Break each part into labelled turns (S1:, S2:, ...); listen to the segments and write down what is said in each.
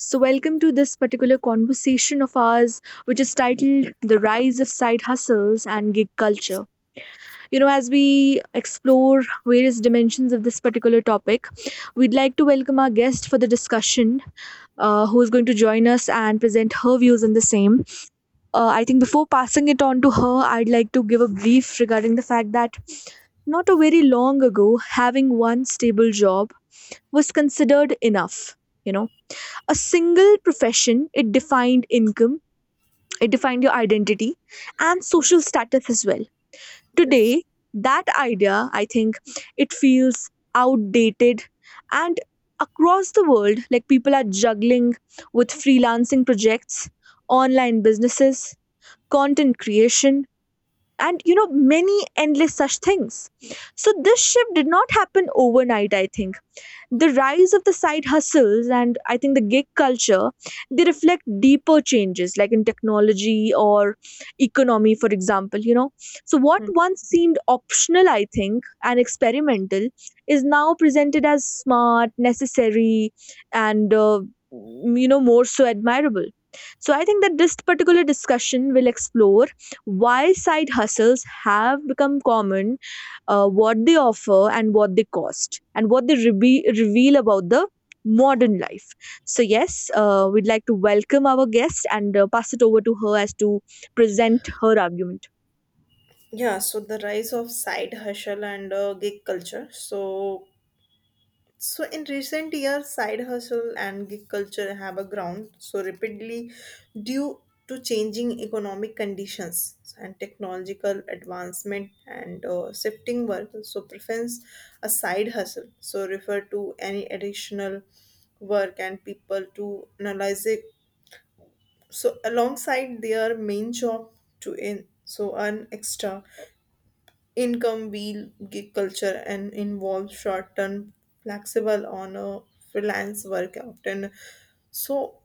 S1: So, welcome to this particular conversation of ours, which is titled The Rise of Side Hustles and Gig Culture. You know, as we explore various dimensions of this particular topic, we'd like to welcome our guest for the discussion, who is going to join us and present her views on the same. I think before passing it on to her, I'd like to give a brief regarding the fact that not a very long ago, having one stable job was considered enough. You know, a single profession, it defined income, it defined your identity and social
S2: Yes.
S1: status as well.
S2: Yes.
S1: Today, that idea, I think it feels outdated. And across the world, like people are juggling with freelancing projects, online businesses, content creation, and, you know, many endless such things. So this shift did not happen overnight, I think. The rise of the side hustles and, I think, the gig culture, they reflect deeper changes like in technology or economy, for example, you know. So what
S2: Hmm.
S1: once seemed optional, I think, and experimental, is now presented as smart, necessary, and, you know, more so admirable. So I think that this particular discussion will explore why side hustles have become common, what they offer and what they cost and what they reveal about the modern life. So, yes, we'd like to welcome our guest and pass it over to her as to present her argument.
S2: Yeah, so the rise of side hustle and gig culture. So in recent years, side hustle and gig culture have a ground so rapidly due to changing economic conditions and technological advancement and shifting work. So, preference a side hustle. So, refer to any additional work and people to analyze it. So, alongside their main job to in so earn extra income wheel gig culture and involves short-term flexible on a freelance work often so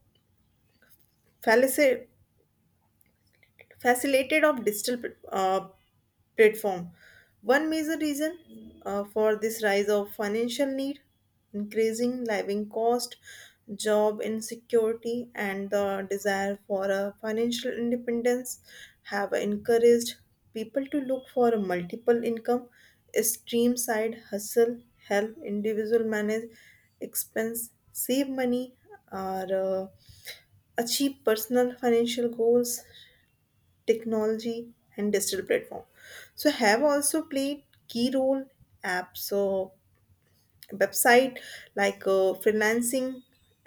S2: fallacy facilitated of platform. One major reason for this rise of financial need, increasing living cost, job insecurity, and the desire for a financial independence have encouraged people to look for a multiple income stream side hustle, help individual manage expense, save money, or achieve personal financial goals technology and digital platform so have also played key role apps so website like freelancing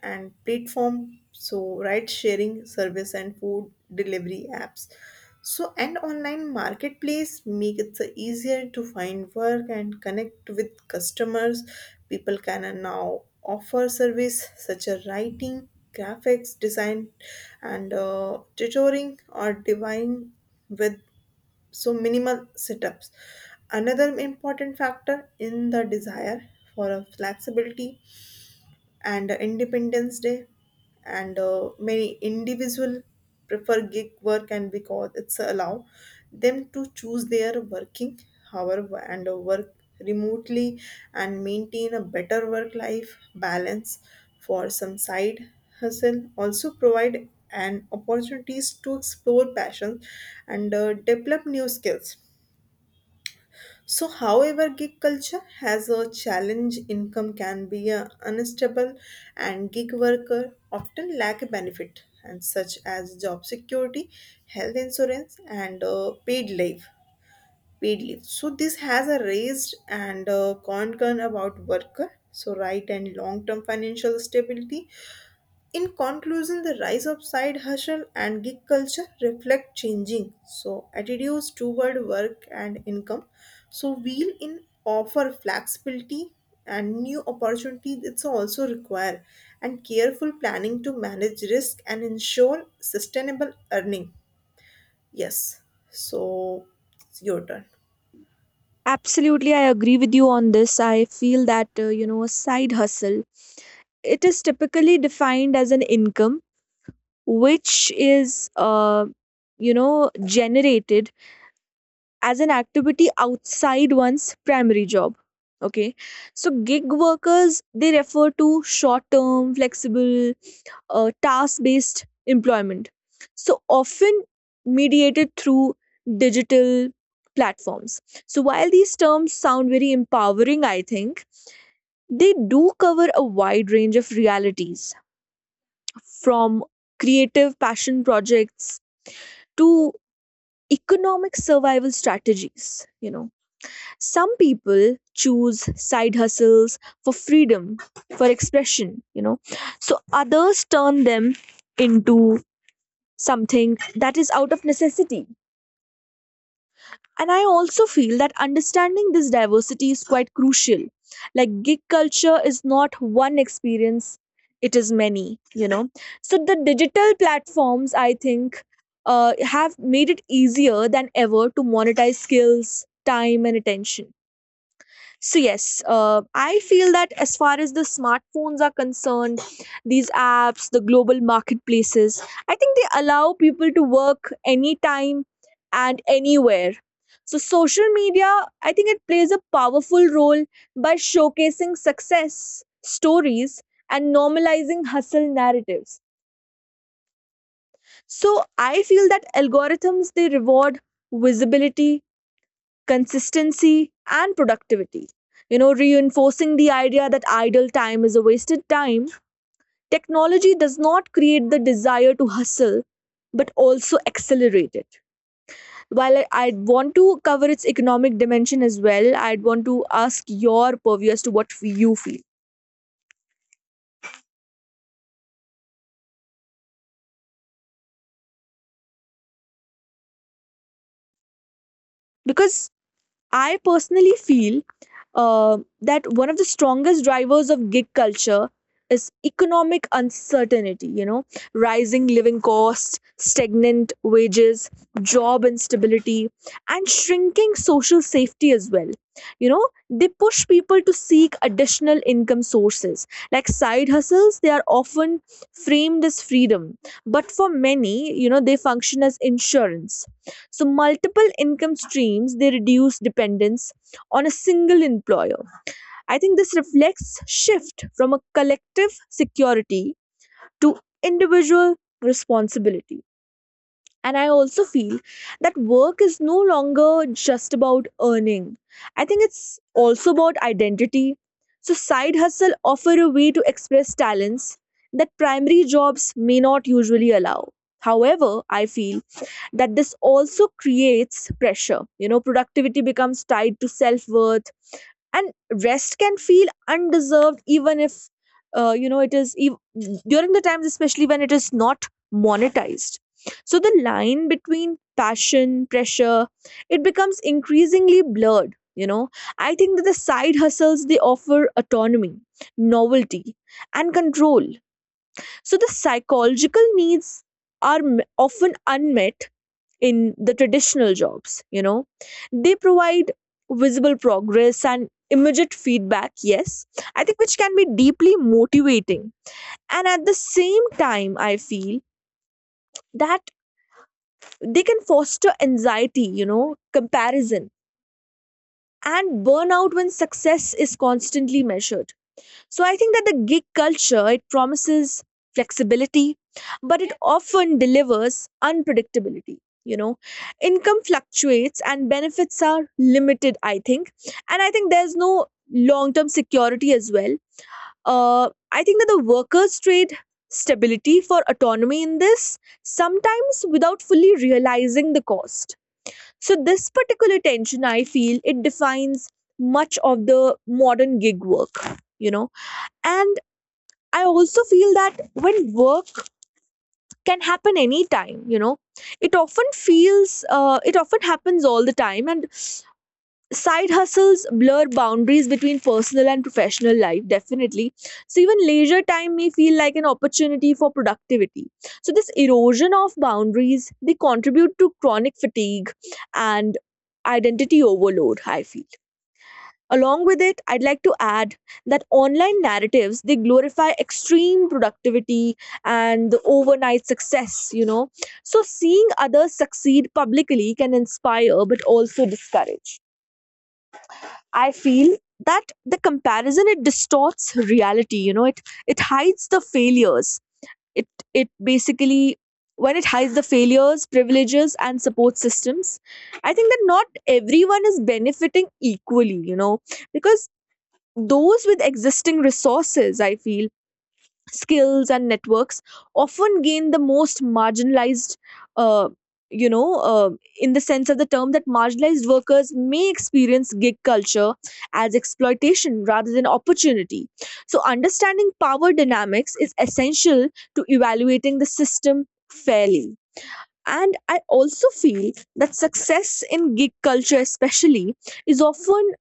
S2: and platform so ride sharing service and food delivery apps so and online marketplace make it so easier to find work and connect with customers people can now offer service such as writing graphics design and tutoring or divine with so minimal sit-ups another important factor in the desire for a flexibility and a independence day and many individual prefer gig work and because it's allow them to choose their working hour and work remotely and maintain a better work life balance for some side hustle also provide an opportunities to explore passions and develop new skills so, however, gig culture has a challenge. Income can be unstable, and gig worker often lack a benefit, and such as job security, health insurance, and paid leave. Paid leave. So, this has a raised and concern about worker. So, right and long-term financial stability in conclusion, the rise of side hustle and gig culture reflect changing so attitudes toward work and income. So we'll in offer flexibility and new opportunities. It's also require and careful planning to manage risk and ensure sustainable earning. Yes. So it's your turn.
S1: Absolutely, I agree with you on this. I feel that, you know, a side hustle, it is typically defined as an income which is, you know, generated as an activity outside one's primary job. Okay, so gig workers, they refer to short term flexible task based employment, so often mediated through digital platforms. So while these terms sound very empowering, I think they do cover a wide range of realities, from creative passion projects to economic survival strategies, you know. Some people choose side hustles for freedom, for expression, you know. So others turn them into something that is out of necessity. And I also feel that understanding this diversity is quite crucial. Like, gig culture is not one experience, it is many, you know. So the digital platforms, I think, have made it easier than ever to monetize skills, time and attention. So yes, I feel that as far as the smartphones are concerned, these apps, the global marketplaces, I think they allow people to work anytime and anywhere. So social media, I think it plays a powerful role by showcasing success stories and normalizing hustle narratives. So I feel that algorithms, they reward visibility, consistency, and productivity. You know, reinforcing the idea that idle time is a wasted time, technology does not create the desire to hustle but also accelerate it. While I'd want to cover its economic dimension as well, I'd want to ask your purview as to what you feel. Because I personally feel that one of the strongest drivers of gig culture is economic uncertainty, you know, rising living costs, stagnant wages, job instability, and shrinking social safety as well. You know, they push people to seek additional income sources. Like side hustles, they are often framed as freedom, but for many, you know, they function as insurance. So, multiple income streams, they reduce dependence on a single employer. I think this reflects shift from a collective security to individual responsibility. And I also feel that work is no longer just about earning. I think it's also about identity. So, side hustle offer a way to express talents that primary jobs may not usually allow. However, I feel that this also creates pressure. You know, productivity becomes tied to self worth, and rest can feel undeserved, even if, you know, it is during the times, especially when it is not monetized. So the line between passion pressure, it becomes increasingly blurred, you know. I think that the side hustles, they offer autonomy, novelty, and control. So the psychological needs are often unmet in the traditional jobs, you know. They provide visible progress and immediate feedback. Yes, I think, which can be deeply motivating. And at the same time I feel that they can foster anxiety, you know, comparison and burnout when success is constantly measured. So I think that the gig culture, it promises flexibility, but it often delivers unpredictability. You know, income fluctuates and benefits are limited, I think, and I think there's no long-term security as well. I think that the workers trade stability for autonomy in this, sometimes without fully realizing the cost. So this particular tension, I feel, it defines much of the modern gig work. You know, and I also feel that when work can happen anytime, you know, it often happens all the time. And side hustles blur boundaries between personal and professional life, definitely. So even leisure time may feel like an opportunity for productivity. So this erosion of boundaries, they contribute to chronic fatigue and identity overload, I feel. Along with it, I'd like to add that online narratives, they glorify extreme productivity and the overnight success, you know. So seeing others succeed publicly can inspire but also discourage. I feel that the comparison, it distorts reality, you know, it hides the failures. It it basically, when it hides the failures, privileges and support systems, I think that not everyone is benefiting equally, you know, because those with existing resources, I feel, skills and networks often gain the most marginalized, uh, you know, in the sense of the term that marginalized workers may experience gig culture as exploitation rather than opportunity. So, understanding power dynamics is essential to evaluating the system fairly. And I also feel that success in gig culture, especially, is often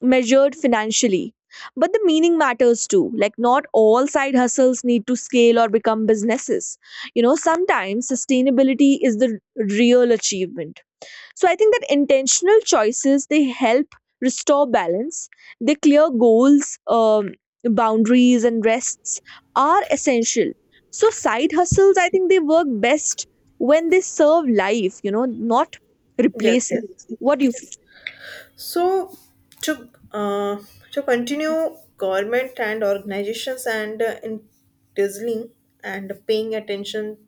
S1: measured financially. But the meaning matters too. Like, not all side hustles need to scale or become businesses. You know, sometimes sustainability is the real achievement. So I think that intentional choices, they help restore balance. They clear goals, boundaries, and rests are essential. So side hustles, I think they work best when they serve life. You know, not
S2: Yes,
S1: replace it.
S2: yes.
S1: What do you feel?
S2: Yes. So to uh, to continue, government and organizations and in dazzling and paying attention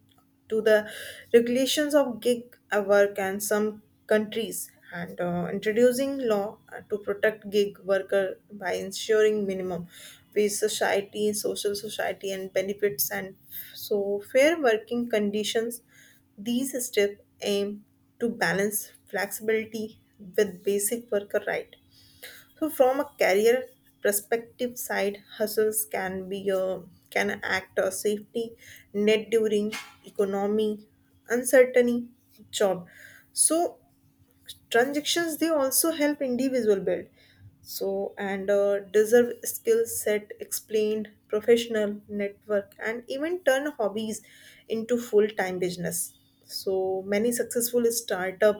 S2: to the regulations of gig work and some countries and introducing law to protect gig worker by ensuring minimum wage society social society and benefits and so fair working conditions these steps aim to balance flexibility with basic worker right. So from a career perspective side, hustles can be a can act as safety net during economy uncertainty job. So transactions they also help individual build so and deserve skill set explained professional network and even turn hobbies into full-time business so many successful startup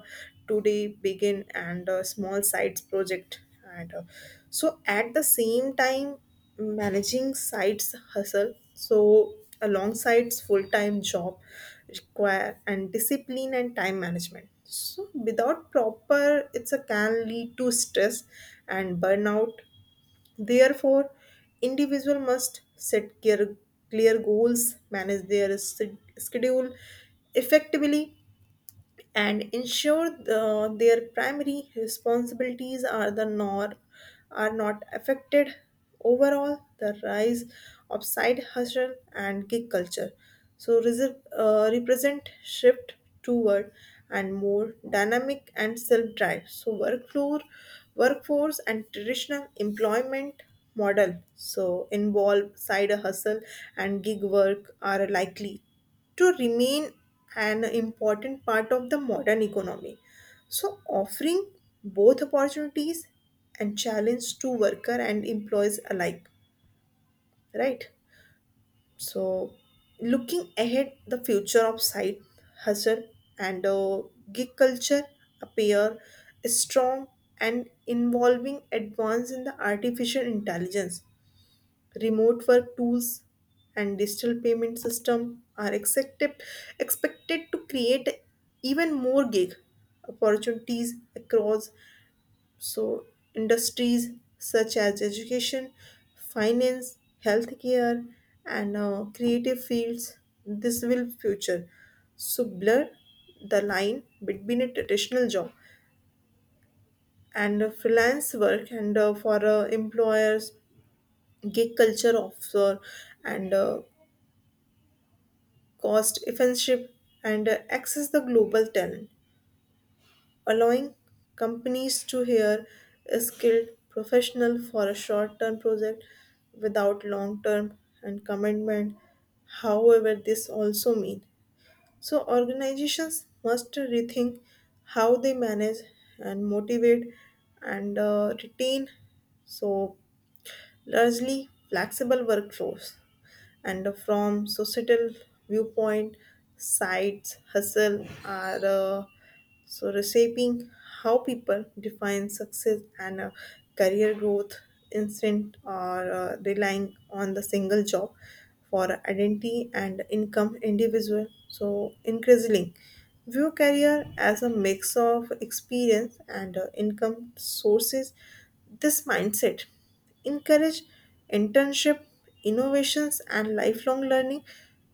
S2: today begin and small sides project and so at the same time managing sites hustle so alongside full-time job require and discipline and time management so without proper it's a can lead to stress and burnout therefore individual must set clear goals manage their schedule effectively and ensure the, their primary responsibilities are the nor are not affected. Overall, the rise of side hustle and gig culture so reserve, represent shift toward and more dynamic and self-drive. So workflow, workforce and traditional employment model so involve side hustle and gig work are likely to remain an important part of the modern economy. So, offering both opportunities and challenge to worker and employees alike, right? So, looking ahead, the future of site hustle and gig culture appear strong and involving advance in the artificial intelligence remote work tools and digital payment system are expected to create even more gig opportunities across so industries such as education, finance, healthcare, and creative fields. This will future so blur the line between a traditional job and a freelance work and for employers gig culture officer and cost efficiency, and access the global talent, allowing companies to hire a skilled professional for a short-term project without long-term and commitment. However, this also means so organizations must rethink how they manage and motivate and retain so largely flexible workforce and from societal viewpoint sites hustle are so reshaping how people define success and career growth instant or relying on the single job for identity and income individual so increasingly view career as a mix of experience and income sources this mindset encourage internship, innovations, and lifelong learning.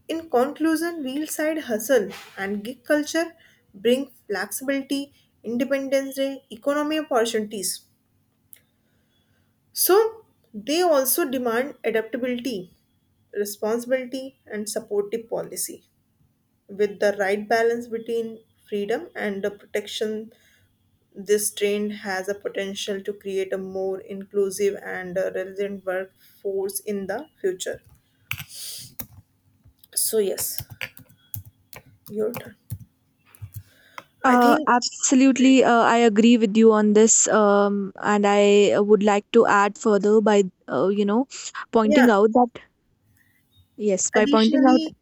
S2: In conclusion, wheel side hustle and gig culture bring flexibility, independence, and economy opportunities. So, they also demand adaptability, responsibility, and supportive policy with the right balance between freedom and the protection this trend has a potential to create a more inclusive and resilient workforce in the future. So yes, your turn. I
S1: Uh,
S2: think
S1: absolutely, I agree with you on this, and I would like to add further by, you know,
S2: yeah.
S1: pointing out that, yes, by pointing out,
S2: Additionally,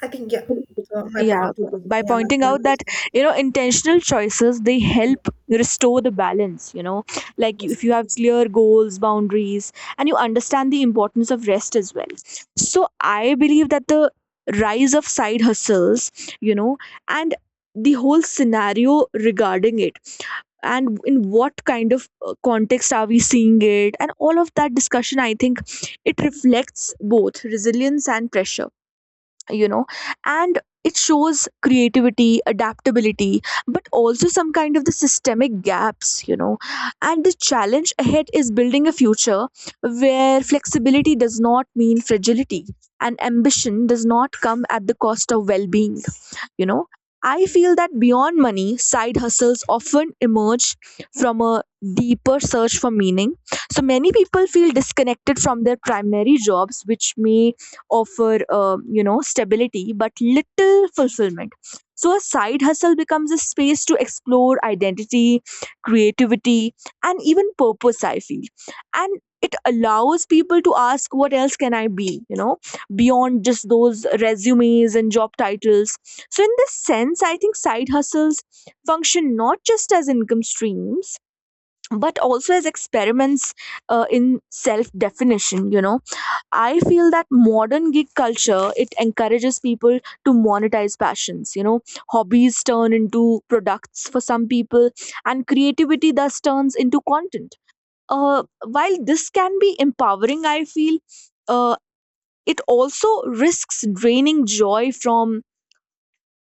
S2: I think yeah. So my
S1: yeah,
S2: point.
S1: by
S2: Yeah, my
S1: pointing out
S2: point is
S1: that, you know, intentional choices, they help restore the balance, you know, like
S2: yes,
S1: if you have clear goals, boundaries, and you understand the importance of rest as well. So I believe that the rise of side hustles, you know, and the whole scenario regarding it and in what kind of context are we seeing it, and all of that discussion, I think it reflects both resilience and pressure, you know. And it shows creativity, adaptability, but also some kind of the systemic gaps, you know. And the challenge ahead is building a future where flexibility does not mean fragility and ambition does not come at the cost of well-being, you know. I feel that beyond money, side hustles often emerge from a deeper search for meaning. So many people feel disconnected from their primary jobs, which may offer you know, stability but little fulfillment. So a side hustle becomes a space to explore identity, creativity, and even purpose, I feel. And it allows people to ask, what else can I be, you know, beyond just those resumes and job titles. So in this sense I think side hustles function not just as income streams but also as experiments, in self definition, you know. I feel that modern gig culture, it encourages people to monetize passions. You know, hobbies turn into products for some people, and creativity thus turns into content. While this can be empowering, I feel uh, it also risks draining joy from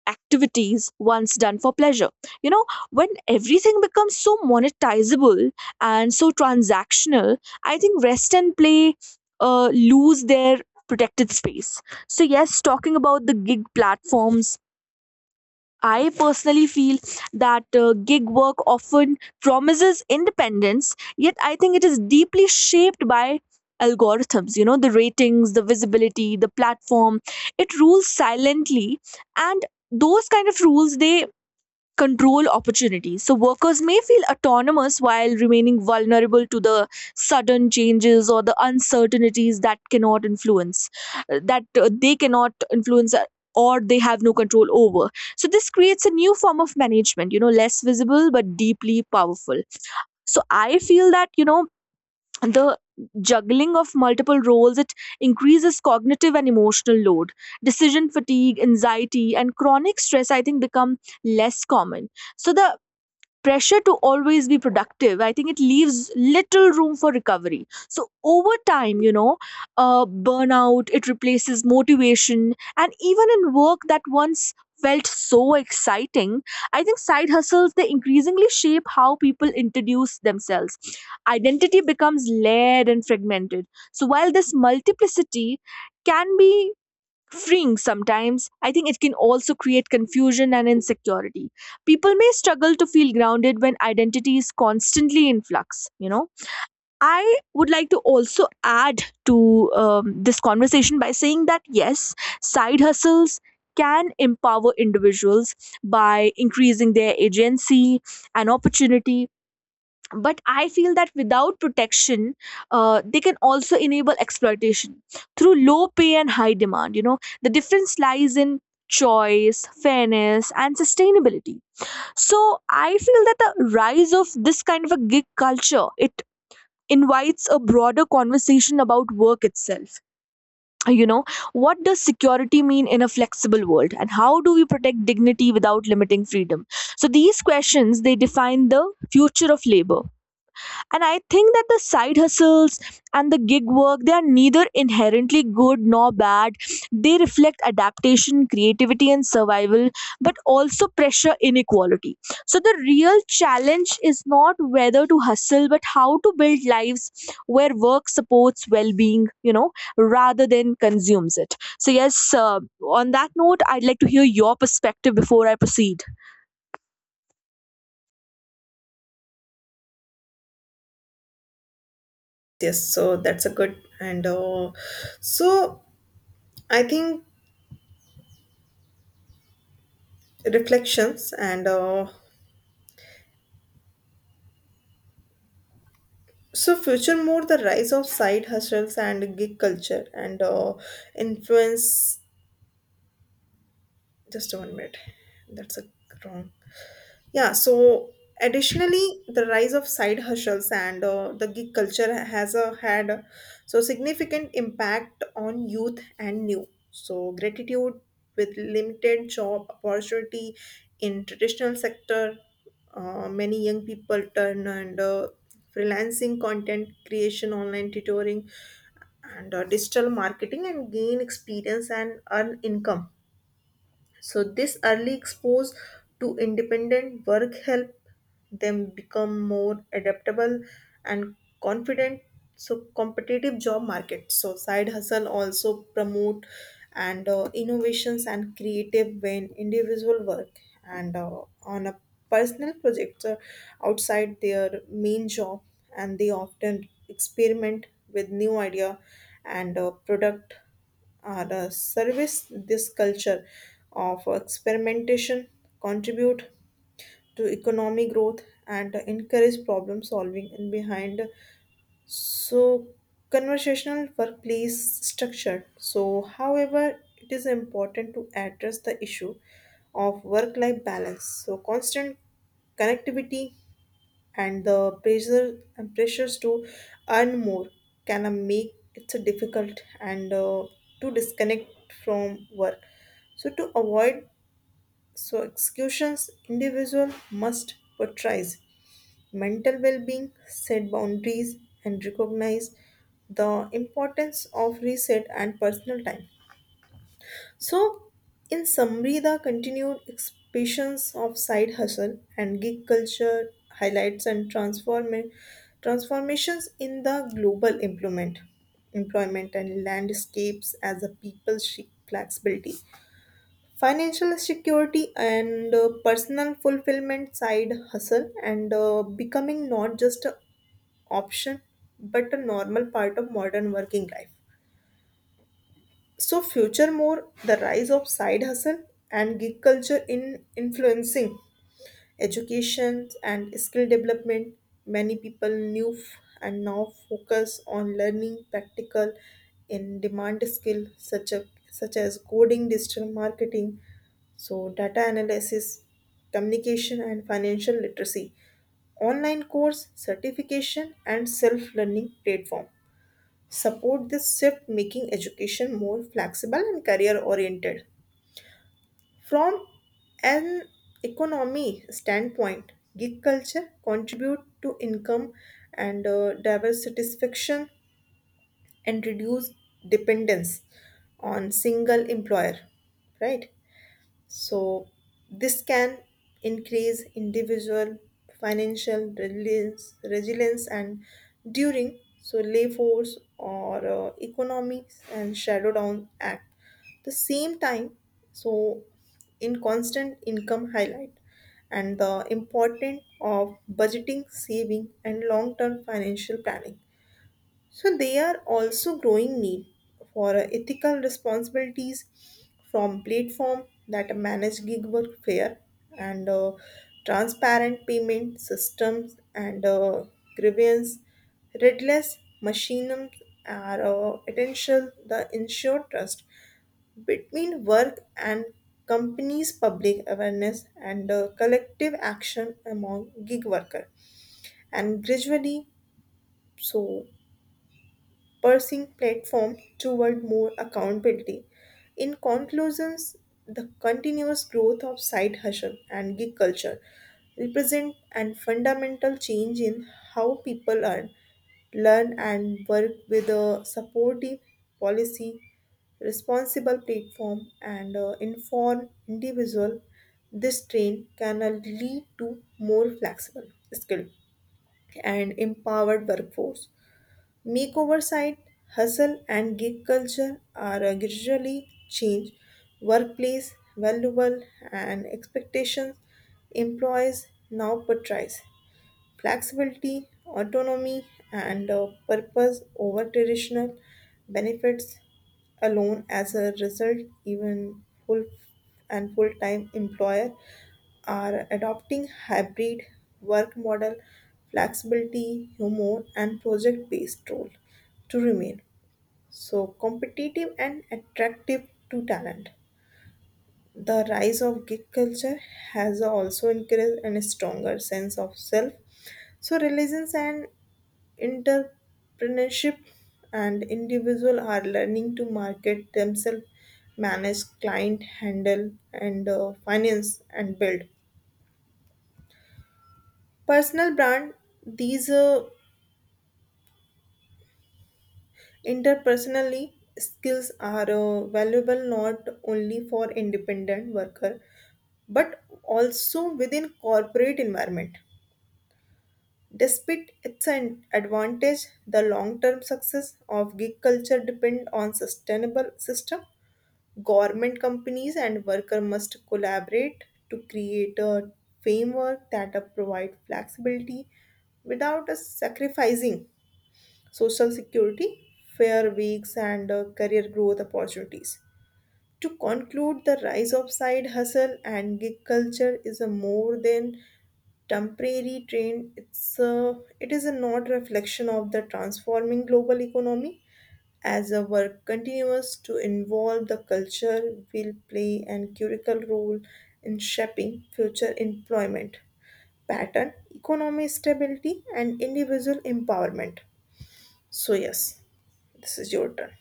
S1: activities once done for pleasure. You know, when everything becomes so monetizable and so transactional, I think rest and play lose their protected space. So, yes, talking about the gig platforms, I personally feel that gig work often promises independence, yet I think it is deeply shaped by algorithms, you know, the ratings, the visibility, the platform. It rules silently, and those kind of rules, they control opportunities. So workers may feel autonomous while remaining vulnerable to the sudden changes or the uncertainties that they cannot influence, or they have no control over. So this creates a new form of management, you know, less visible but deeply powerful. So I feel that, you know, the juggling of multiple roles it increases cognitive and emotional load, decision fatigue, anxiety, and chronic stress, I think, become less common. So the pressure to always be productive, I think it leaves little room for recovery. So over time, you know, uh, burnout it replaces motivation, and even in work that once felt so exciting. I think side hustles they increasingly shape how people introduce themselves. Identity becomes layered and fragmented. So while this multiplicity can be freeing sometimes. I think it can also create confusion and insecurity. People may struggle to feel grounded when identity is constantly in flux, you know. I would like to also add to this conversation by saying that, yes, side hustles can empower individuals by increasing their agency and opportunity, but I feel that without protection, they can also enable exploitation through low pay and high demand, you know. The difference lies in choice, fairness, and sustainability. So I feel that the rise of this kind of a gig culture, it invites a broader conversation about work itself. You know, what does security mean in a flexible world, and how do we protect dignity without limiting freedom? So these questions they define the future of labor. And I think that the side hustles and the gig work, they are neither inherently good nor bad. They reflect adaptation, creativity, and survival, but also pressure, inequality. So the real challenge is not whether to hustle, but how to build lives where work supports well being, you know, rather than consumes it. So, yes, on that note, I'd like to hear your perspective before I proceed.
S2: yes. So that's a good and so I think reflections and so future more the rise of side hustles and gig culture and influence just one minute that's a wrong yeah so additionally the rise of side hustles and the gig culture has had a so significant impact on youth and new so gratitude with limited job opportunity in traditional sector many young people turn and freelancing content creation online tutoring and digital marketing and gain experience and earn income so this early expose to independent work help them become more adaptable and confident. So competitive job market. So side hustle also promote and innovations and creative when individual work and on a personal project outside their main job and they often experiment with new idea and product are a service this culture of experimentation contribute to economic growth and encourage problem solving and behind so conversational workplace structure so however it is important to address the issue of work life balance so constant connectivity and the pressure and pressures to earn more can make it so difficult and to disconnect from work. So to avoid so executions, individual must prioritize mental well-being, set boundaries, and recognize the importance of reset and personal time. So, in summary, the continued expansions of side hustle and gig culture highlights and transformations in the global employment, employment and landscapes as a people seek flexibility, financial security, and personal fulfillment. Side hustle and becoming not just an option but a normal part of modern working life. So, future more the rise of side hustle and gig culture in influencing education and skill development. Many people knew and now focus on learning practical in demand skill such as coding, digital marketing, so data analysis, communication and financial literacy, online course, certification and self-learning platform support this shift, making education more flexible and career oriented. From an economy standpoint, gig culture contribute to income and diverse satisfaction and reduce dependence on single employer, right? So, this can increase individual financial resilience and during so lay force or economics and shadow down act. The same time, so in constant income highlight and the importance of budgeting, saving, and long term financial planning so they are also growing need for ethical responsibilities from platform that manage gig work fair and transparent payment systems and grievance redress mechanisms are essential the ensure trust between work and companies public awareness and collective action among gig worker and gradually so pressing platform toward more accountability. In conclusions, the continuous growth of side hustle and gig culture represent an fundamental change in how people earn, learn, and work with a supportive policy, responsible platform, and informed individual. This trend can lead to more flexible, skilled, and empowered workforce makeover site, hustle and gig culture are a gradually change workplace valuable and expectations employees now portrays. Flexibility, autonomy, and purpose over traditional benefits alone. As a result, even full time employer are adopting hybrid work model, flexibility, humor, and project based role to remain so competitive and attractive to talent. The rise of gig culture has also increased in a stronger sense of self. So, religions and entrepreneurship and individual are learning to market themselves, manage client, handle and finance and build personal brand. These interpersonally skills are valuable not only for independent worker but also within corporate environment despite its an advantage, the long-term success of gig culture depends on sustainable system. Government companies and worker must collaborate to create a framework that provide flexibility without sacrificing social security, fair weeks, and career growth opportunities. To conclude, the rise of side hustle and gig culture is a more than temporary trend it is a not reflection of the transforming global economy as our work continues to involve the culture will play an critical role in shaping future employment pattern economic stability and individual empowerment so yes this is your turn.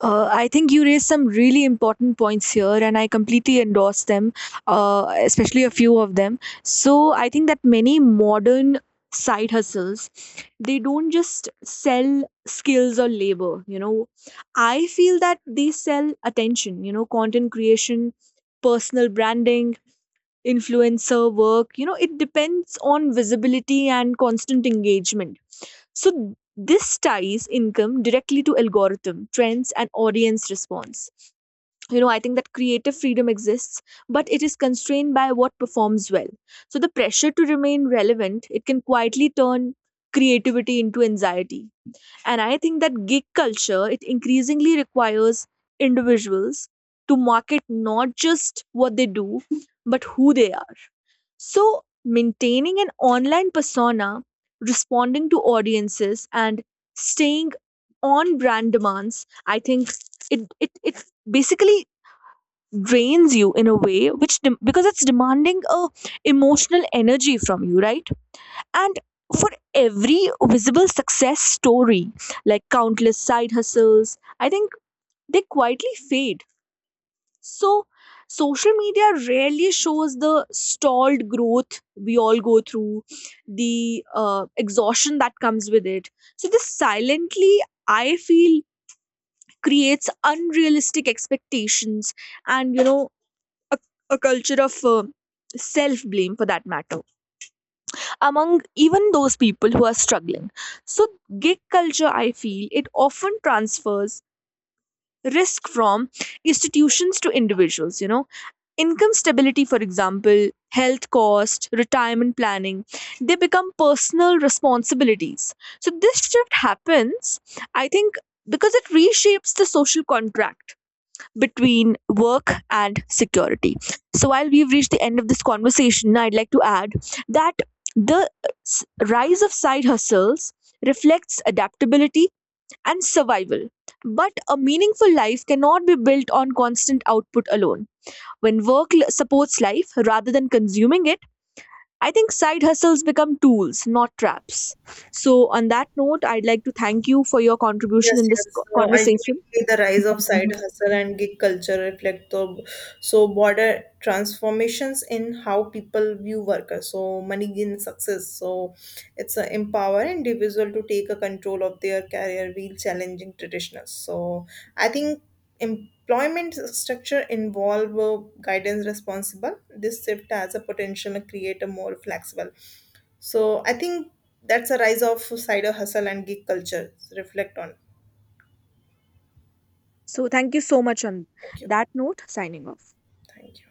S1: I think you raised some really important points here, and I completely endorse them, especially a few of them. So I think that many modern side hustles, they don't just sell skills or labor. You know, I feel that they sell attention. You know, content creation, personal branding, influencer work, you know, it depends on visibility and constant engagement. So this ties income directly to algorithm trends and audience response. You know, I think that creative freedom exists, but it is constrained by what performs well. So the pressure to remain relevant, it can quietly turn creativity into anxiety. And I think that gig culture, it increasingly requires individuals to market not just what they do, but who they are. So, maintaining an online persona, responding to audiences, and staying on brand demands, I think it basically drains you in a way which because it's demanding a emotional energy from you, right? And for every visible success story, like countless side hustles, I think they quietly fade. So, social media rarely shows the stalled growth we all go through, the exhaustion that comes with it. So, this silently, I feel, creates unrealistic expectations and, you know, a, a culture of self blame for that matter. Among even those people who are struggling. So, gig culture, I feel, it often transfers risk from institutions to individuals. You know, income stability, for example, health cost, retirement planning, they become personal responsibilities. So, this shift happens, I think, because it reshapes the social contract between work and security. So, while we've reached the end of this conversation, I'd like to add that the rise of side hustles reflects adaptability and survival. But a meaningful life cannot be built on constant output alone. When supports life rather than consuming it, I think side hustles become tools, not traps. So, on that note, I'd like to thank you for your contribution
S2: Yes,
S1: in this
S2: yes. So
S1: conversation.
S2: ultimately, the rise of side hustle and gig culture reflect the so border transformations in how people view workers. So money gain success. So it's a empower individual to take a control of their career while challenging traditional. So I think employment structure involve guidance responsible. This shift has a potential to create a more flexible. So I think that's a rise of side hustle and gig culture. Reflect on.
S1: So thank you so much on
S2: Thank you.
S1: that note, signing off.
S2: Thank you.